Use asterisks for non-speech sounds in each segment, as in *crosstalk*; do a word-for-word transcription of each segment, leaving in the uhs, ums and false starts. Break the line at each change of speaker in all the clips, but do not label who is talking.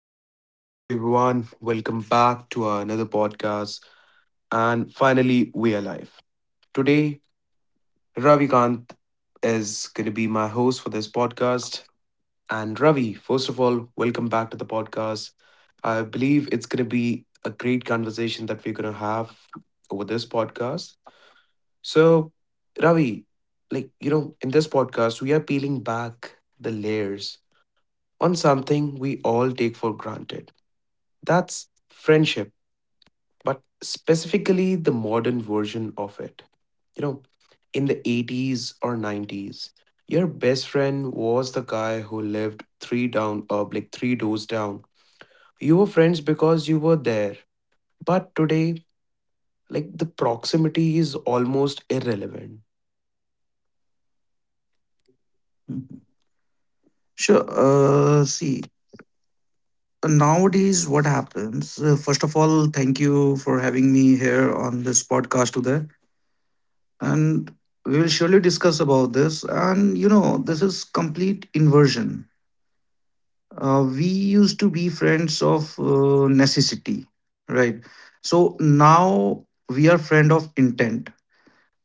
So, hello everyone, welcome back to our another podcast. And finally, we are live. Today, Ravikant is going to be my host for this podcast. And Ravi, first of all, welcome back to the podcast. I believe it's going to be a great conversation that we're going to have over this podcast. So, Ravi, like, you know, in this podcast, we are peeling back the layers on something we all take for granted. That's friendship but specifically the modern version of it. You know, in the eighties or nineties, your best friend was the guy who lived three down or like three doors down. You were friends because you were there. But today, like the proximity is almost irrelevant.
Sure. Uh, see, nowadays what happens? Uh, first of all, thank you for having me here on this podcast today, and we will surely discuss about this. And you know, this is complete inversion. Uh, we used to be friends of uh, necessity, right? So now we are friend of intent.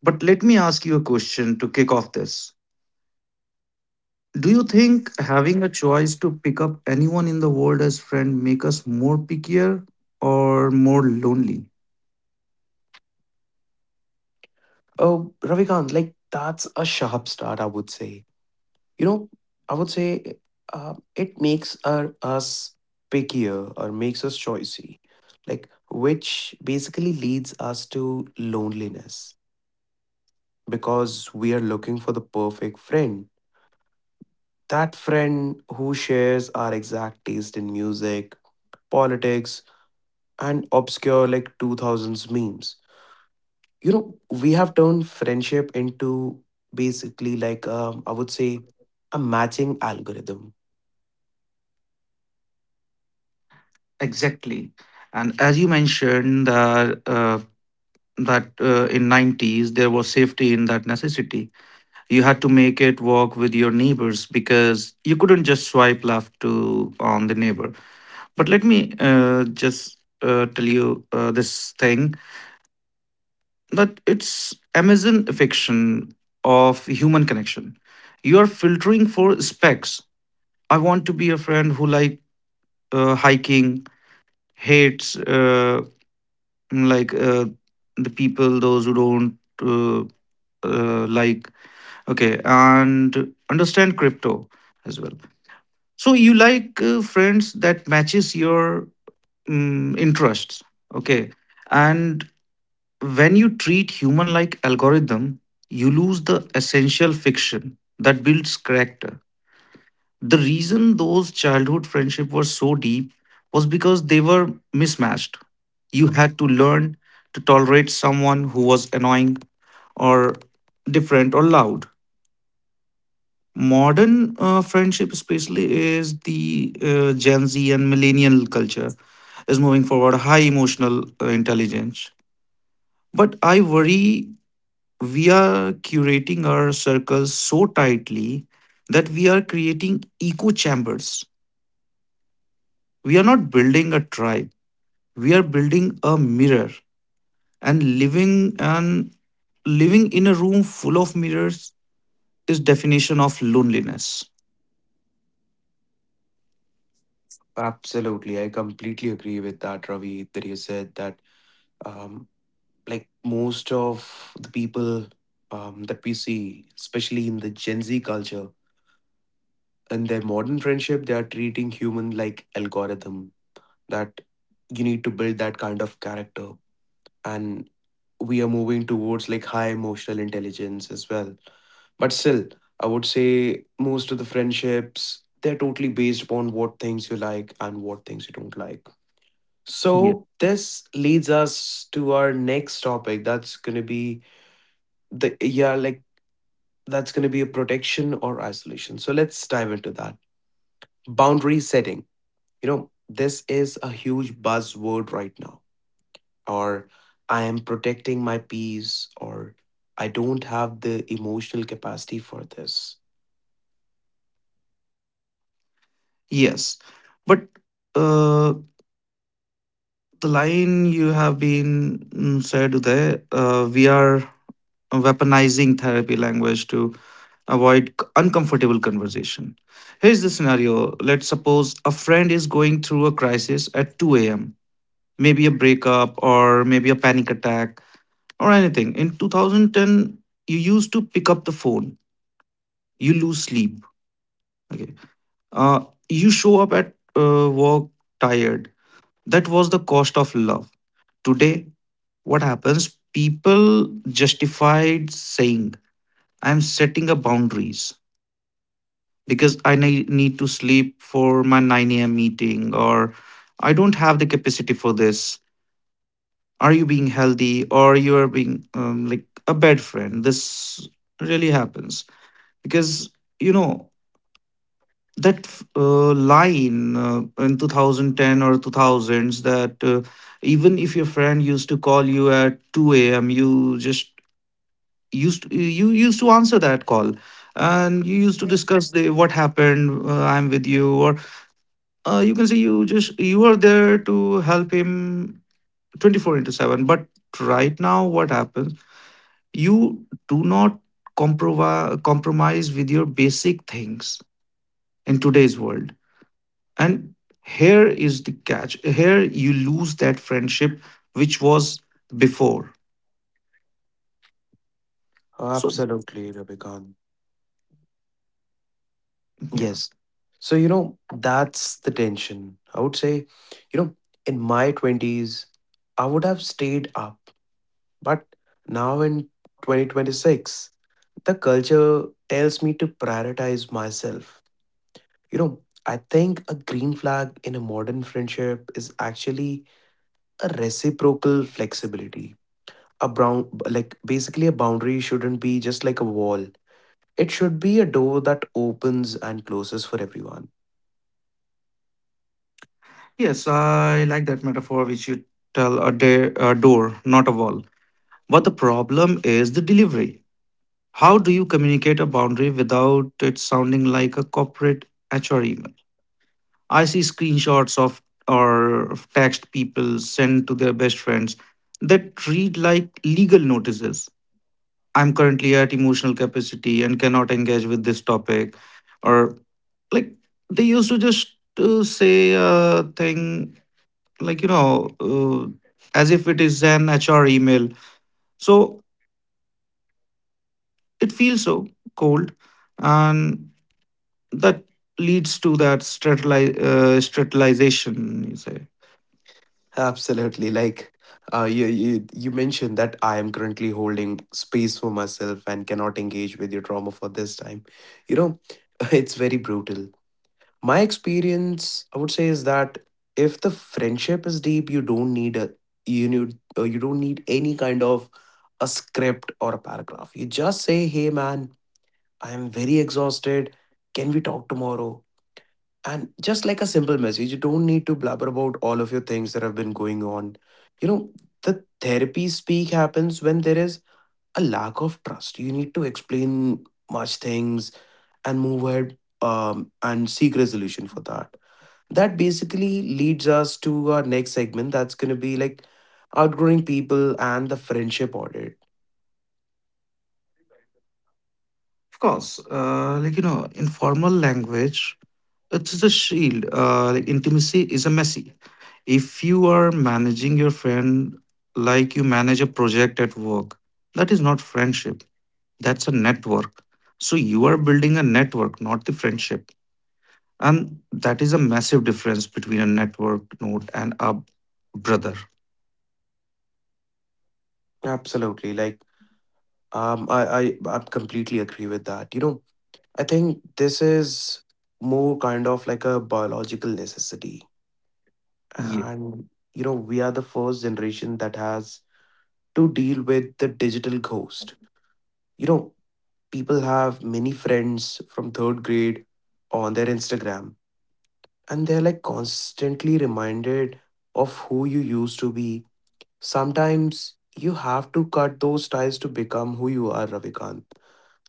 But let me ask you a question to kick off this. Do you think having a choice to pick up anyone in the world as friend make us more pickier or more lonely?
Oh, Ravikant, like that's a sharp start, I would say. You know, I would say uh, it makes our, us pickier or makes us choicy, like, which basically leads us to loneliness because we are looking for the perfect friend, that friend who shares our exact taste in music, politics, and obscure like two thousands memes. You know, we have turned friendship into basically like, um, I would say, a matching algorithm.
Exactly. And as you mentioned that uh, that uh, in nineties there was safety in that necessity. You had to make it work with your neighbors because you couldn't just swipe left to on the neighbor. But let me uh, just uh, tell you uh, this thing, but it's Amazon affection of human connection. You are filtering for specs. I want to be a friend who like uh, hiking, hates uh, like uh, the people those who don't uh, uh, like. Okay, and understand crypto as well. So you like uh, friends that matches your um, interests. Okay, and when you treat human like algorithm, you lose the essential fiction that builds character. The reason those childhood friendships were so deep was because they were mismatched. You had to learn to tolerate someone who was annoying or different or loud. Modern uh, friendship, especially, is the uh, Gen Z and millennial culture is moving forward high emotional uh, intelligence, but I worry we are curating our circles so tightly that we are creating echo chambers. We are not building a tribe. We are building a mirror and living and living in a room full of mirrors is definition of loneliness.
Absolutely, I completely agree with that, Ravi. That you said that, um, like most of the people, um, that we see, especially in the Gen Z culture, in their modern friendship, they are treating human like algorithm. That you need to build that kind of character, and we are moving towards like high emotional intelligence as well. But still, I would say most of the friendships they're totally based upon what things you like and what things you don't like.
Yeah.
So this leads us to our next topic. That's going to be the, yeah, like that's going to be a protection or isolation. So let's dive into that. Boundary setting. You know, this is a huge buzzword right now. Or I am protecting my peace, or I don't have the emotional capacity for this.
Yes. But uh, the line you have been mm, said there, uh, we are weaponizing therapy language to avoid c- uncomfortable conversation. Here's the scenario, let's suppose a friend is going through a crisis at two a m, maybe a breakup or maybe a panic attack or anything. In two thousand ten, you used to pick up the phone, you lose sleep. Okay. Uh, you show up at uh, work tired. That was the cost of love. Today, what happens? People justified saying, I'm setting a boundaries, because I ne- need to sleep for my nine a m meeting, or I don't have the capacity for this. Are you being healthy, or you are being um, like a bad friend? This really happens because you know that uh, line uh, in twenty ten or two thousands that uh, even if your friend used to call you at two a m, you just used you used to answer that call and you used to discuss the what happened. uh, I'm with you, or uh, you can say you just you are there to help him twenty four into seven. But right now what happens, you do not compromise compromise with your basic things in today's world, and here is the catch: here you lose that friendship which was before. So
Absolutely, Rebecca.
yeah.
Yes. So, you know, that's the tension. I would say, you know, in my twenties, I would have stayed up. But now in twenty twenty-six, the culture tells me to prioritize myself. You know, I think a green flag in a modern friendship is actually a reciprocal flexibility. A brown, like basically, a boundary shouldn't be just like a wall, it should be a door that opens and closes for everyone.
Yes, I like that metaphor which you tell, a, day, a door not a wall, but the problem is the delivery. How do you communicate a boundary without it sounding like a corporate H R email? I see screenshots of or of text people send to their best friends that read like legal notices. I'm currently at emotional capacity and cannot engage with this topic. Or like they used to just uh, say a thing like, you know, uh, as if it is an H R email. So it feels so cold, and that leads to that strateli- uh, strategization you say.
Absolutely. Like uh, you, you you mentioned that I am currently holding space for myself and cannot engage with your trauma for this time. You know, *laughs* it's very brutal. My experience, I would say, is that if the friendship is deep, you don't need a you need uh, you don't need any kind of a script or a paragraph. You just say, "Hey, man, I am very exhausted. Can we talk tomorrow?" And just like a simple message, you don't need to blabber about all of your things that have been going on. You know, the therapy speak happens when there is a lack of trust. You need to explain much things and move ahead um, and seek resolution for that. That basically leads us to our next segment that's going to be like outgrowing people and the friendship audit.
Of course, uh, like you know, informal language, it's a shield. Uh, like intimacy is a messy. If you are managing your friend like you manage a project at work, that is not friendship, that's a network. So you are building a network not the friendship, and that is a massive difference between a network node and a brother.
Absolutely. Like, um, I, I, I completely agree with that. You know, I think this is more kind of like a biological necessity.
Ye-
And, you know, we are the first generation that has to deal with the digital ghost. You know, people have many friends from third grade on their Instagram, and they're like constantly reminded of who you used to be. Sometimes you have to cut those ties to become who you are, Ravikant.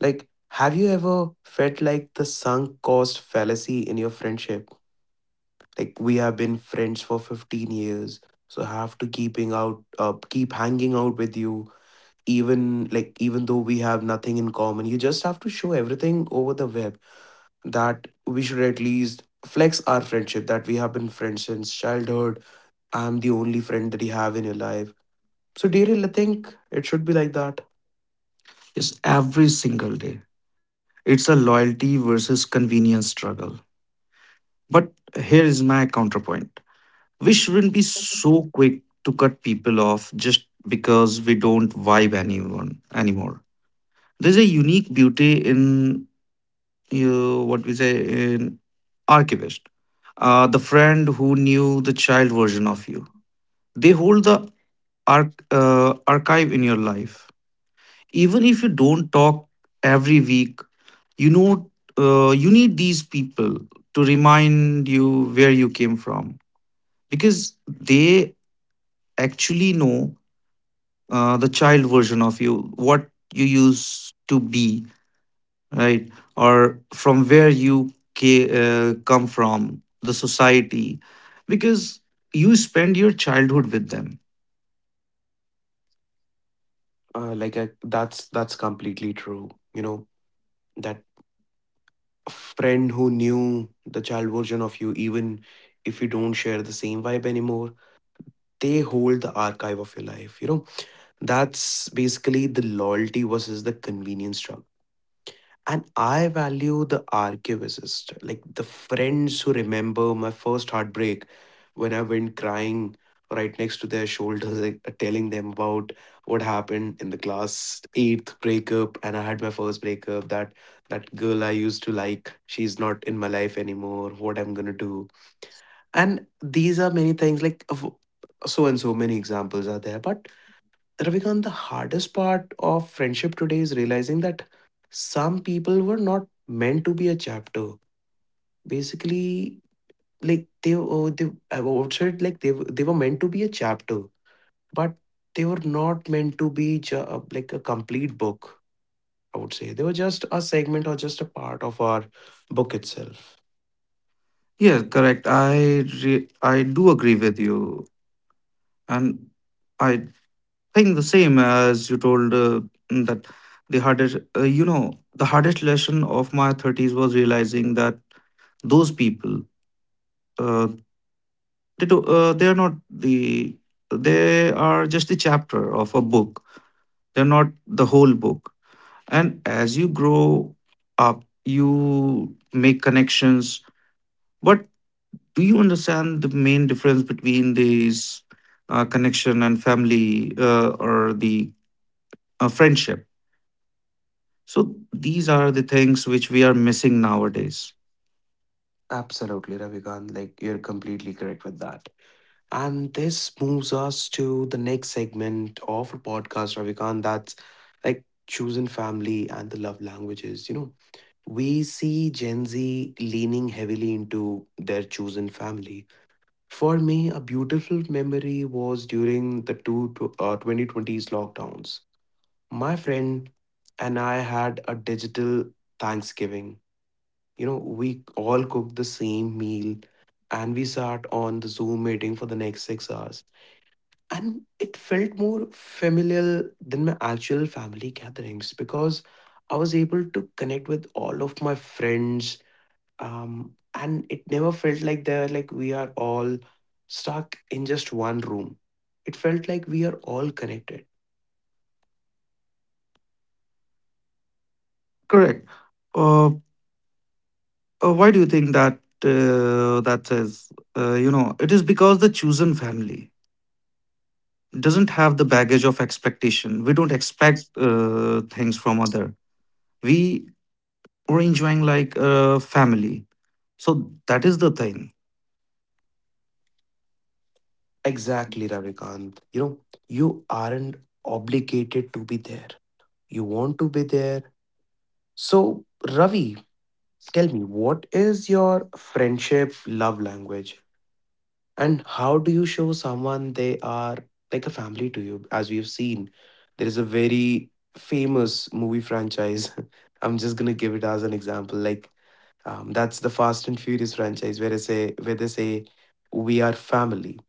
Like, have you ever felt like the sunk cost fallacy in your friendship? Like we have been friends for fifteen years, so I have to keeping out uh, keep hanging out with you, even like even though we have nothing in common. You just have to show everything over the web that we should at least flex our friendship that we have been friends since childhood. I'm the only friend that you have in your life. So Daryl, I think it should be like that.
Yes, every single day. It's a loyalty versus convenience struggle. But here is my counterpoint. We shouldn't be so quick to cut people off just because we don't vibe anyone anymore. There's a unique beauty in, you know, what we say, in archivist. Uh, the friend who knew the child version of you. They hold the arch- uh, archive in your life even if you don't talk every week. You know, uh, you need these people to remind you where you came from, because they actually know uh, the child version of you, what you used to be, right? Or from where you ca- uh, come from the society, because you spend your childhood with them.
Uh, like I, that's that's completely true. You know that friend who knew the child version of you, even if you don't share the same vibe anymore. They hold the archive of your life. You know, that's basically the loyalty versus the convenience struggle, and I value the archivist, like the friends who remember my first heartbreak when I went crying right next to their shoulders, like, uh, telling them about what happened in the class eighth breakup. And I had my first breakup. That that girl I used to like, she's not in my life anymore. What I'm gonna do? And these are many things like of- so and so many examples are there. But Ravikant, the hardest part of friendship today is realizing that some people were not meant to be a chapter. Basically, like they, oh, they I would say it like they were- they were meant to be a chapter, but they were not meant to be ju- uh, like a complete book. I would say they were just a segment or just a part of our book itself.
Yeah, correct. i re- I do agree with you, and I think the same as you told uh, that the hardest uh, you know, the hardest lesson of my thirties was realizing that those people uh, they do, uh, they are not the, they are just the chapter of a book, they're not the whole book. And as you grow up you make connections. But do you understand the main difference between these uh, connection and family uh, or the uh, friendship? So these are the things which we are missing nowadays.
Absolutely, Ravikant. Like you're completely correct with that. And this moves us to the next segment of our podcast, Ravikant, that's like choosing family and the love languages. You know, we see Gen Z leaning heavily into their chosen family. For me, a beautiful memory was during the two tw- uh, twenty twenties lockdowns. My friend and I had a digital Thanksgiving. You know, we all cooked the same meal and we sat on the Zoom meeting for the next six hours and it felt more familial than my actual family gatherings because I was able to connect with all of my friends. Um, and it never felt like they're like we are all stuck in just one room. It felt like we are all connected.
Correct. Uh, uh, why do you think that uh, that is? Uh, you know, it is because the chosen family doesn't have the baggage of expectation. We don't expect uh, things from other. We were enjoying like a family. So that is the thing.
Exactly, Ravikant. You know, you aren't obligated to be there. You want to be there. So, Ravi, tell me, what is your friendship love language? And how do you show someone they are like a family to you? As we've seen, there is a very famous movie franchise. *laughs* I'm just gonna give it as an example. Like, um, that's the Fast and Furious franchise, where they say where they say we are family.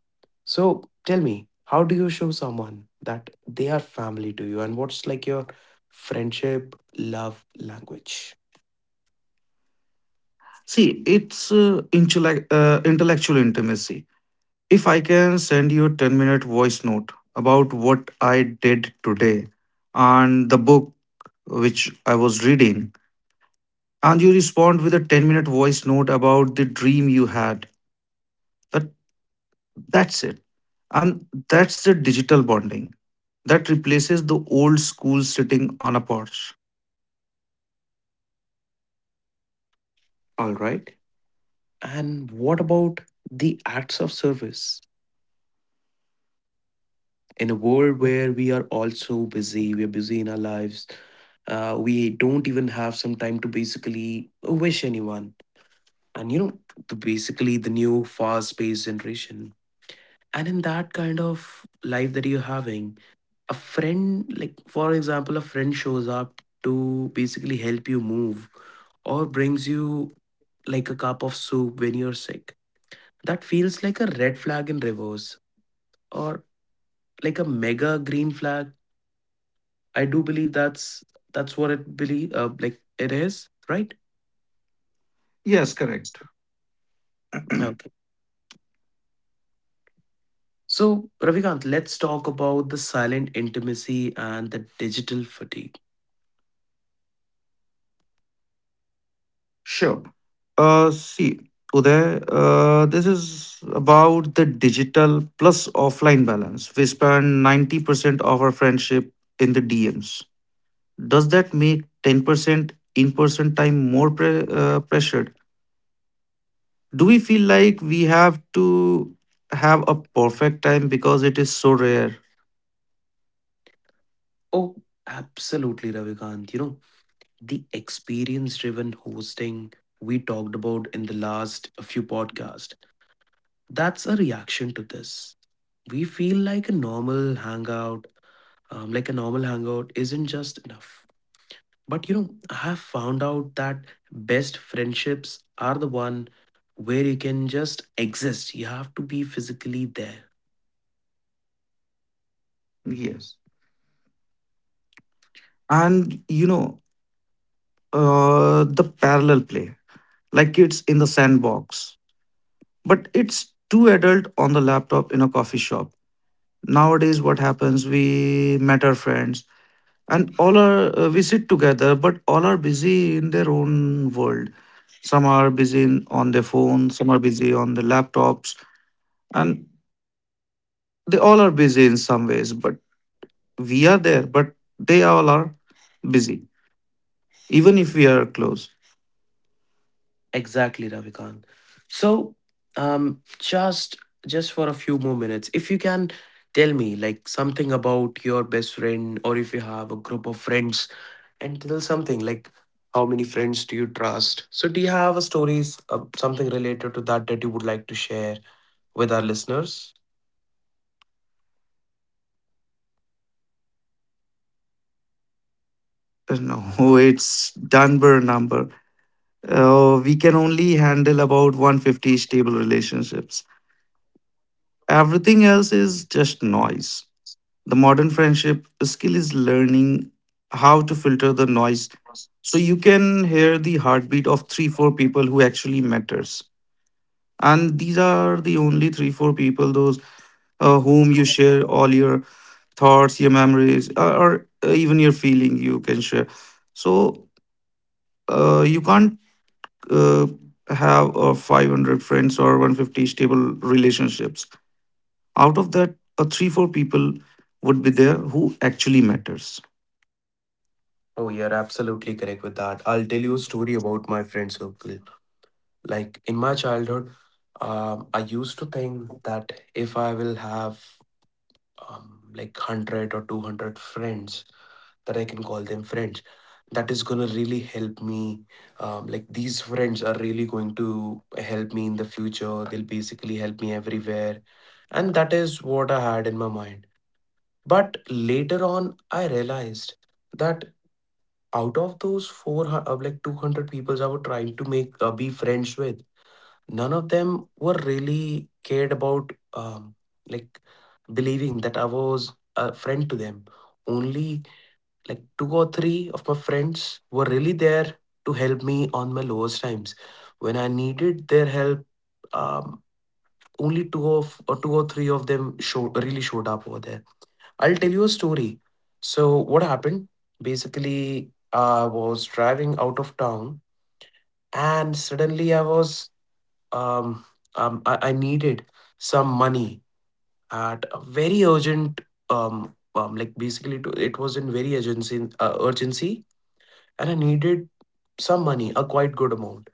So tell me, how do you show someone that they are family to you, and what's like your friendship love language?
See, it's uh, intellect, uh, intellectual intimacy. If I can send you a ten minute voice note about what I did today and the book which I was reading, and you respond with a ten minute voice note about the dream you had, that, that's it. And that's the digital bonding that replaces the old school sitting on a porch.
All right. And what about the acts of service? In a world where we are all so busy, we are busy in our lives, uh, we don't even have some time to basically wish anyone. And you know, the, basically the new fast paced generation. And in that kind of life that you're having, a friend, like for example, a friend shows up to basically help you move or brings you like a cup of soup when you're sick. That feels like a red flag in reverse, or like a mega green flag. I do believe that's that's what it believe uh, like it is, right?
Yes, correct.
Okay. So, Ravikant, let's talk about the silent intimacy and the digital fatigue.
Sure. Uh, see, Uday, uh, this is about the digital plus offline balance. We spend ninety percent of our friendship in the D Ms. Does that make ten percent in person time more pre- uh, pressured? Do we feel like we have to have a perfect time because it is so rare?
Oh, absolutely, Ravikant. You know, the experience driven hosting we talked about in the last few podcasts, that's a reaction to this. We feel like a normal hangout, um, like a normal hangout isn't just enough. But you know, I have found out that best friendships are the one where you can just exist. You have to be physically there.
Yes. And you know, uh, the parallel play, like kids in the sandbox, but it's too adult on the laptop in a coffee shop. Nowadays what happens, we met our friends and all are uh, we sit together but all are busy in their own world. Some are busy in, on their phone, some are busy on their laptops, and they all are busy in some ways, but we are there but they all are busy, even if we are close.
Exactly, Ravikant. So, um, just just for a few more minutes, if you can tell me like something about your best friend, or if you have a group of friends, and tell something like how many friends do you trust? So, do you have a stories, uh, something related to that that you would like to share with our listeners?
Uh, no. *laughs* It's dunbar number. Uh, we can only handle about one hundred fifty stable relationships. Everything else is just noise. The modern friendship skill is learning how to filter the noise so you can hear the heartbeat of three, four people who actually matters. And these are the only three, four people, those uh, whom you share all your thoughts, your memories, or, or uh, even your feeling you can share. So uh, you can't uh, have uh, five hundred friends or one hundred fifty stable relationships. Out of that, a three, four people would be there who actually matters.
Oh, you're absolutely correct with that. I'll tell you a story about my friend circle. Like in my childhood, um, I used to think that if I will have, um, like, one hundred or two hundred friends, that I can call them friends, that is going to really help me. Um, like these friends are really going to help me in the future. They'll basically help me everywhere. And that is what I had in my mind. But later on, I realized that out of those four hu- uh, like two hundred people I were trying to make uh, be friends with, none of them were really cared about, um, like believing that I was a friend to them. Only like two or three of my friends were really there to help me on my lowest times when I needed their help. um, Only two of or two or three of them show, really showed up over there. I'll tell you a story. So, what happened? Basically, I was driving out of town and suddenly I was, um, um, I, I needed some money at a very urgent, um, um, like basically to, it was in very urgency, uh, urgency, and I needed some money, a quite good amount.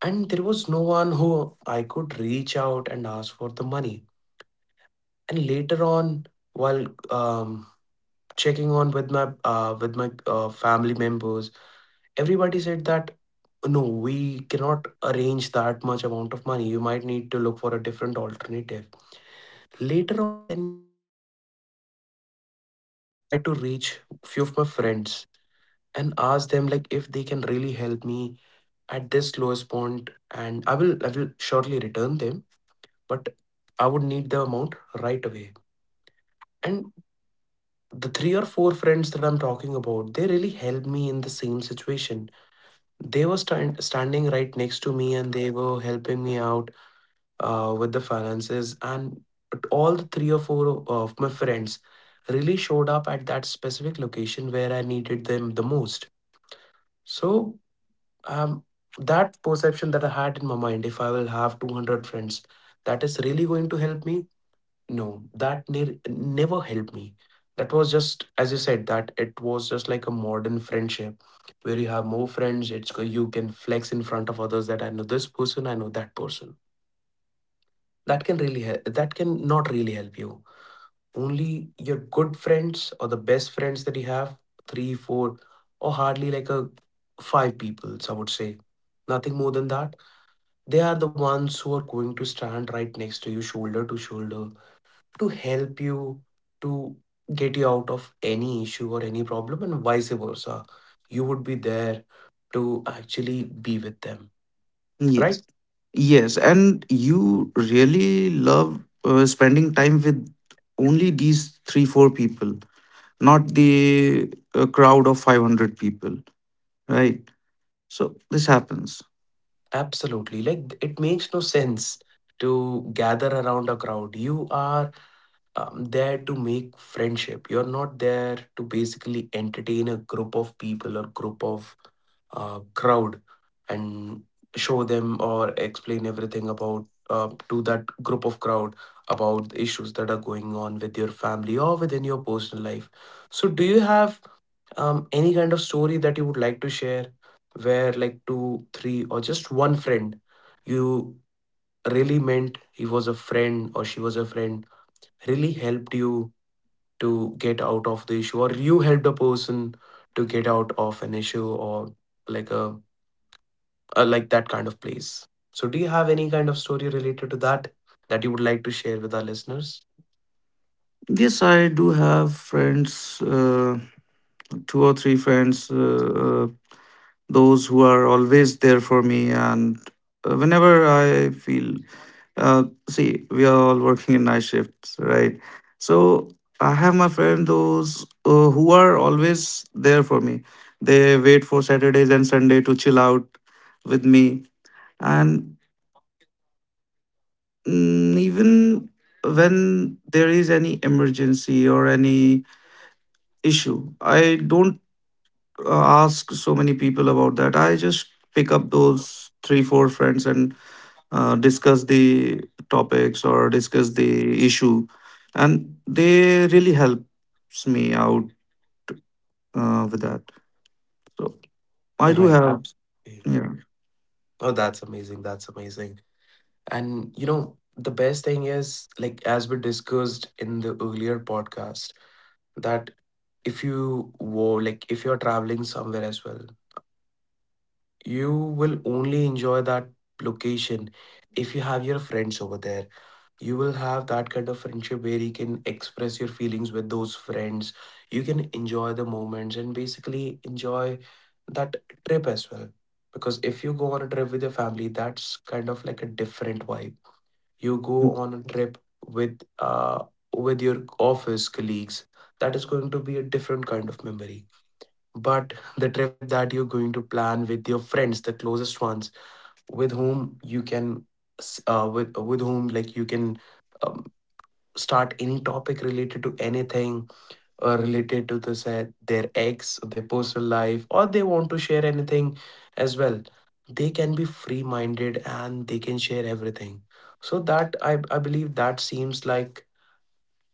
And there was no one who I could reach out and ask for the money. And later on, while um, checking on with my uh, with my uh, family members, everybody said that no, we cannot arrange that much amount of money, you might need to look for a different alternative. Later on, then I tried to reach few of my friends and ask them like if they can really help me at this lowest point, and i will i will surely return them, but I would need the amount right away. And the three or four friends that I'm talking about, they really helped me in the same situation. They were stand, standing right next to me and they were helping me out uh, with the finances, and all the three or four of my friends really showed up at that specific location where I needed them the most. So, um, that perception that I had in my mind, if I will have two hundred friends that is really going to help me, no, that ne- never helped me. That was just, as you said, that it was just like a modern friendship where you have more friends. It's go- you can flex in front of others that I know this person, I know that person. That can really help. That can not really help you. Only your good friends or the best friends that you have, three, four, or hardly like a five people, I would say. Nothing more than that. They are the ones who are going to stand right next to you, shoulder to shoulder, to help you to get you out of any issue or any problem. And vice versa, you would be there to actually be with them,
Yes.
right?
Yes, and you really love uh, spending time with only these three, four people, not the uh, crowd of five hundred people, right? So this happens.
Absolutely. Like, it makes no sense to gather around a crowd. You are um, there to make friendship. You're not there to basically entertain a group of people or group of uh, crowd, and show them or explain everything about uh, to that group of crowd about the issues that are going on with your family or within your personal life. So, do you have um, any kind of story that you would like to share where, like, two, three, or just one friend you really meant he was a friend or she was a friend really helped you to get out of the issue, or you help the person to get out of an issue, or like a, a like that kind of place? So, do you have any kind of story related to that that you would like to share with our listeners?
Yes, I do have friends, uh, two or three friends. Uh, uh, those who are always there for me, and uh, whenever I feel uh, see, we are all working in night shifts, right? So I have my friend those uh, who are always there for me. They wait for Saturdays and Sunday to chill out with me, and mm, even when there is any emergency or any issue, I don't uh, ask so many people about that. I just pick up those three, four friends and uh, discuss the topics or discuss the issue, and they really helps me out uh, with that. So I do
Right,
have.
absolutely.
Yeah.
Oh, that's amazing, that's amazing. And you know, the best thing is, like as we discussed in the earlier podcast, that if you were like, if you're traveling somewhere as well, you will only enjoy that location if you have your friends over there. You will have that kind of friendship where you can express your feelings with those friends, you can enjoy the moments and basically enjoy that trip as well. Because if you go on a trip with your family, that's kind of like a different vibe. You go on a trip with uh with your office colleagues, that is going to be a different kind of memory. But the trip that you're going to plan with your friends, the closest ones, with whom you can s- uh, with uh, with whom like you can um, start any topic related to anything, uh, related to this uh, their ex their personal life, or they want to share anything as well, they can be free minded and they can share everything. So that, i i believe that seems like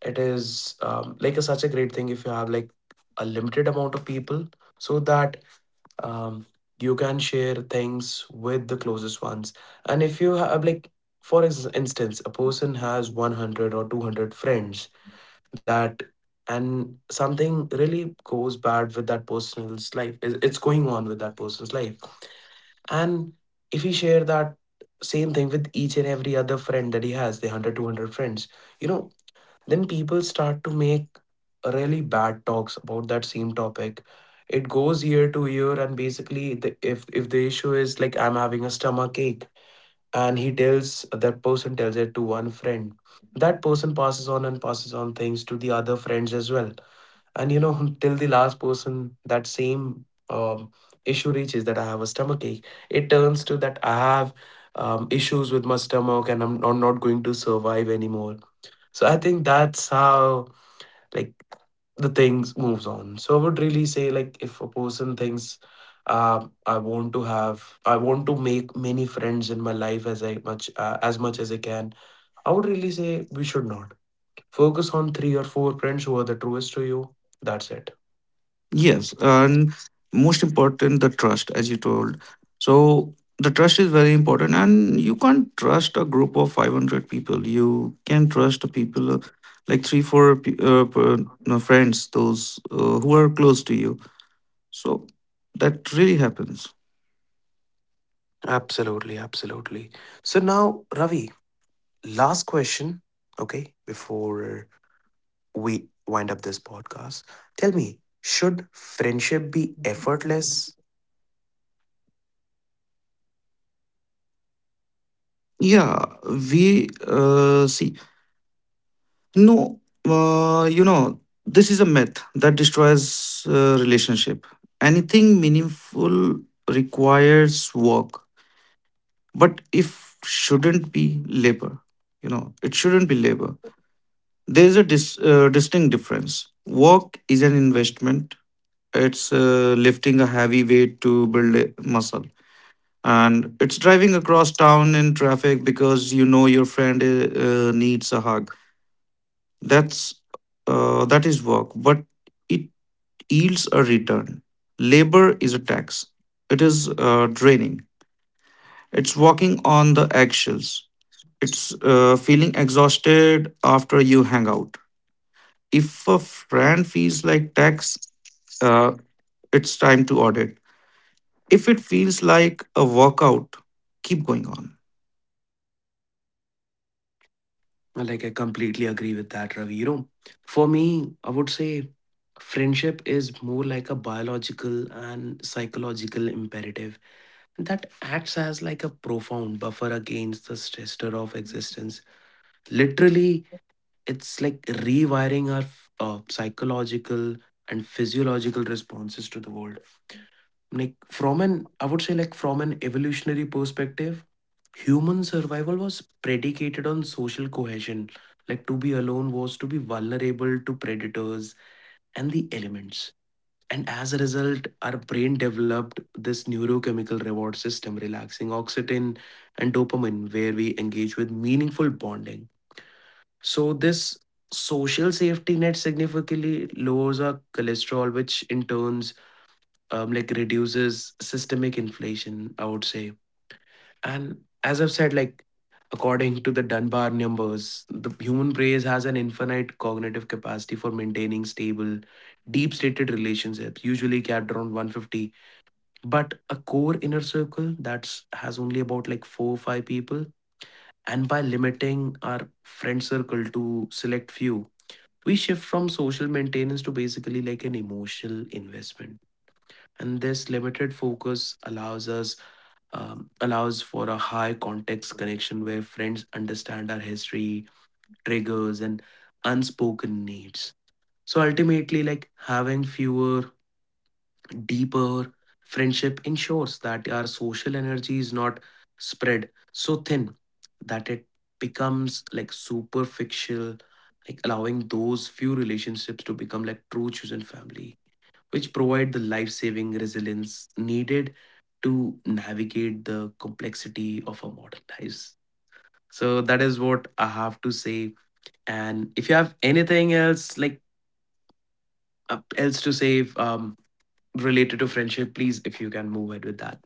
it is, um, like a, such a great thing, if you have like a limited amount of people, so that um, you can share things with the closest ones. And if you have like, for ex- instance, a person has one hundred or two hundred friends, that, and something really goes bad with that person's life, it- it's going on with that person's life, and if he share that same thing with each and every other friend that he has, the one hundred two hundred friends, you know, then people start to make really bad talks about that same topic. It goes year to year, and basically the, if if the issue is like I'm having a stomach ache, and he tells that person tells it to one friend, that person passes on and passes on things to the other friends as well. And you know, *laughs* till the last person, that same um, issue reaches, that I have a stomach ache, it turns to that I have um, issues with my stomach and i'm, I'm not going to survive anymore. So I think that's how, like, the things moves on. So I would really say, like, if a person thinks, uh, i want to have I want to make many friends in my life as I much uh, as much as I can, I would really say we should not. Focus on three or four friends who are the truest to you, that's it.
Yes, and most important the trust, as you told. So the trust is very important, and you can't trust a group of five hundred people. You can trust people uh, like three four pe- uh, per- no, friends those uh, who are close to you. So that really happens.
Absolutely, absolutely. So now, Ravi, last question, okay, before we wind up this podcast. Tell me, should friendship be effortless?
Yeah, we uh, see. No, uh, you know, this is a myth that destroys uh, relationship. Anything meaningful requires work, but if shouldn't be labor. You know, it shouldn't be labor. There is a dis- uh, distinct difference. Work is an investment. It's uh, lifting a heavy weight to build a muscle. And it's driving across town in traffic because you know your friend uh, uh, needs a hug. That's uh, that is work, but it yields a return. Labor is a tax. It is uh, draining. It's walking on the eggshells. It's uh, feeling exhausted after you hang out. If a friend feels like tax, uh, it's time to audit. If it feels like a workout, keep going on.
Like, I completely agree with that, Ravi. You know, for me, I would say friendship is more like a biological and psychological imperative that acts as like a profound buffer against the stressor of existence. Literally, it's like rewiring our uh, psychological and physiological responses to the world. Like, from an, I would say, like from an evolutionary perspective, human survival was predicated on social cohesion. Like, to be alone was to be vulnerable to predators and the elements. And as a result, our brain developed this neurochemical reward system relaxing oxytocin and dopamine where we engage with meaningful bonding. So this social safety net significantly lowers our cholesterol, which in turns um, like reduces systemic inflation, I would say. And as I've said, like according to the Dunbar numbers, the human brain has an infinite cognitive capacity for maintaining stable, deep-stated relationships, usually capped around one hundred fifty. But a core inner circle that's has only about like four or five people. And by limiting our friend circle to select few, we shift from social maintenance to basically like an emotional investment. And this limited focus allows us, um, allows for a high context connection where friends understand our history, triggers, and unspoken needs. So ultimately, like having fewer, deeper friendship ensures that our social energy is not spread so thin that it becomes like superficial, like allowing those few relationships to become like true chosen family, which provide the life saving resilience needed to navigate the complexity of our modern lives. So that is what I have to say. And if you have anything else, like uh, else to say um, related to friendship, please, if you can move ahead with that.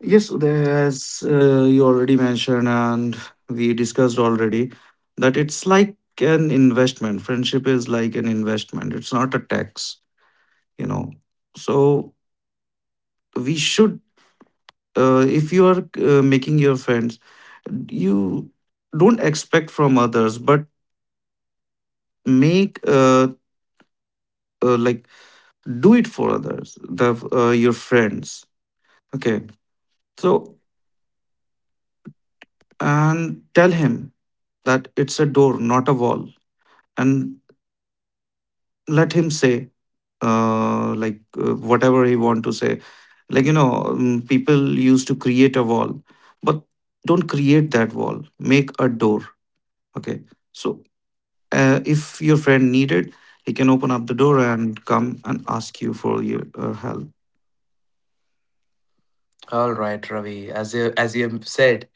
Yes, there- as uh, you already mentioned and we discussed already, that it's like an investment. Friendship is like an investment. It's not a tax, you know. So we should, uh, if you are uh, making your friends, you don't expect from others, but make uh, uh like do it for others, the uh, your friends. Okay, so and tell him that it's a door, not a wall, and let him say uh, like uh, whatever he want to say. Like you know um, people used to create a wall, but don't create that wall, make a door. Okay, so uh, if your friend needed, he can open up the door and come and ask you for your uh, help.
All right, Ravi. As you as you have said,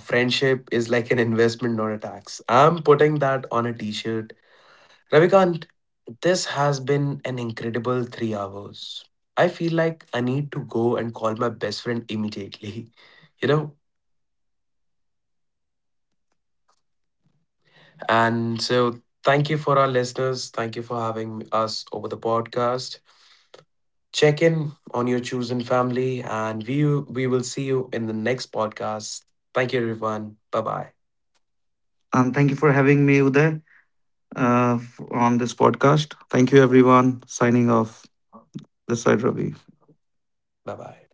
friendship is like an investment, not a tax. I'm putting that on a t-shirt. Ravikant, this has been an incredible three hours. I feel like I need to go and call my best friend immediately, *laughs* you know? And so, thank you for our listeners. Thank you for having us over the podcast. Check in on your chosen family, and we, we will see you in the next podcast. Thank you, everyone. Bye bye.
And thank you for having me, Uday, uh, f- on this podcast. Thank you everyone, signing off. This side Ravi.
Bye bye.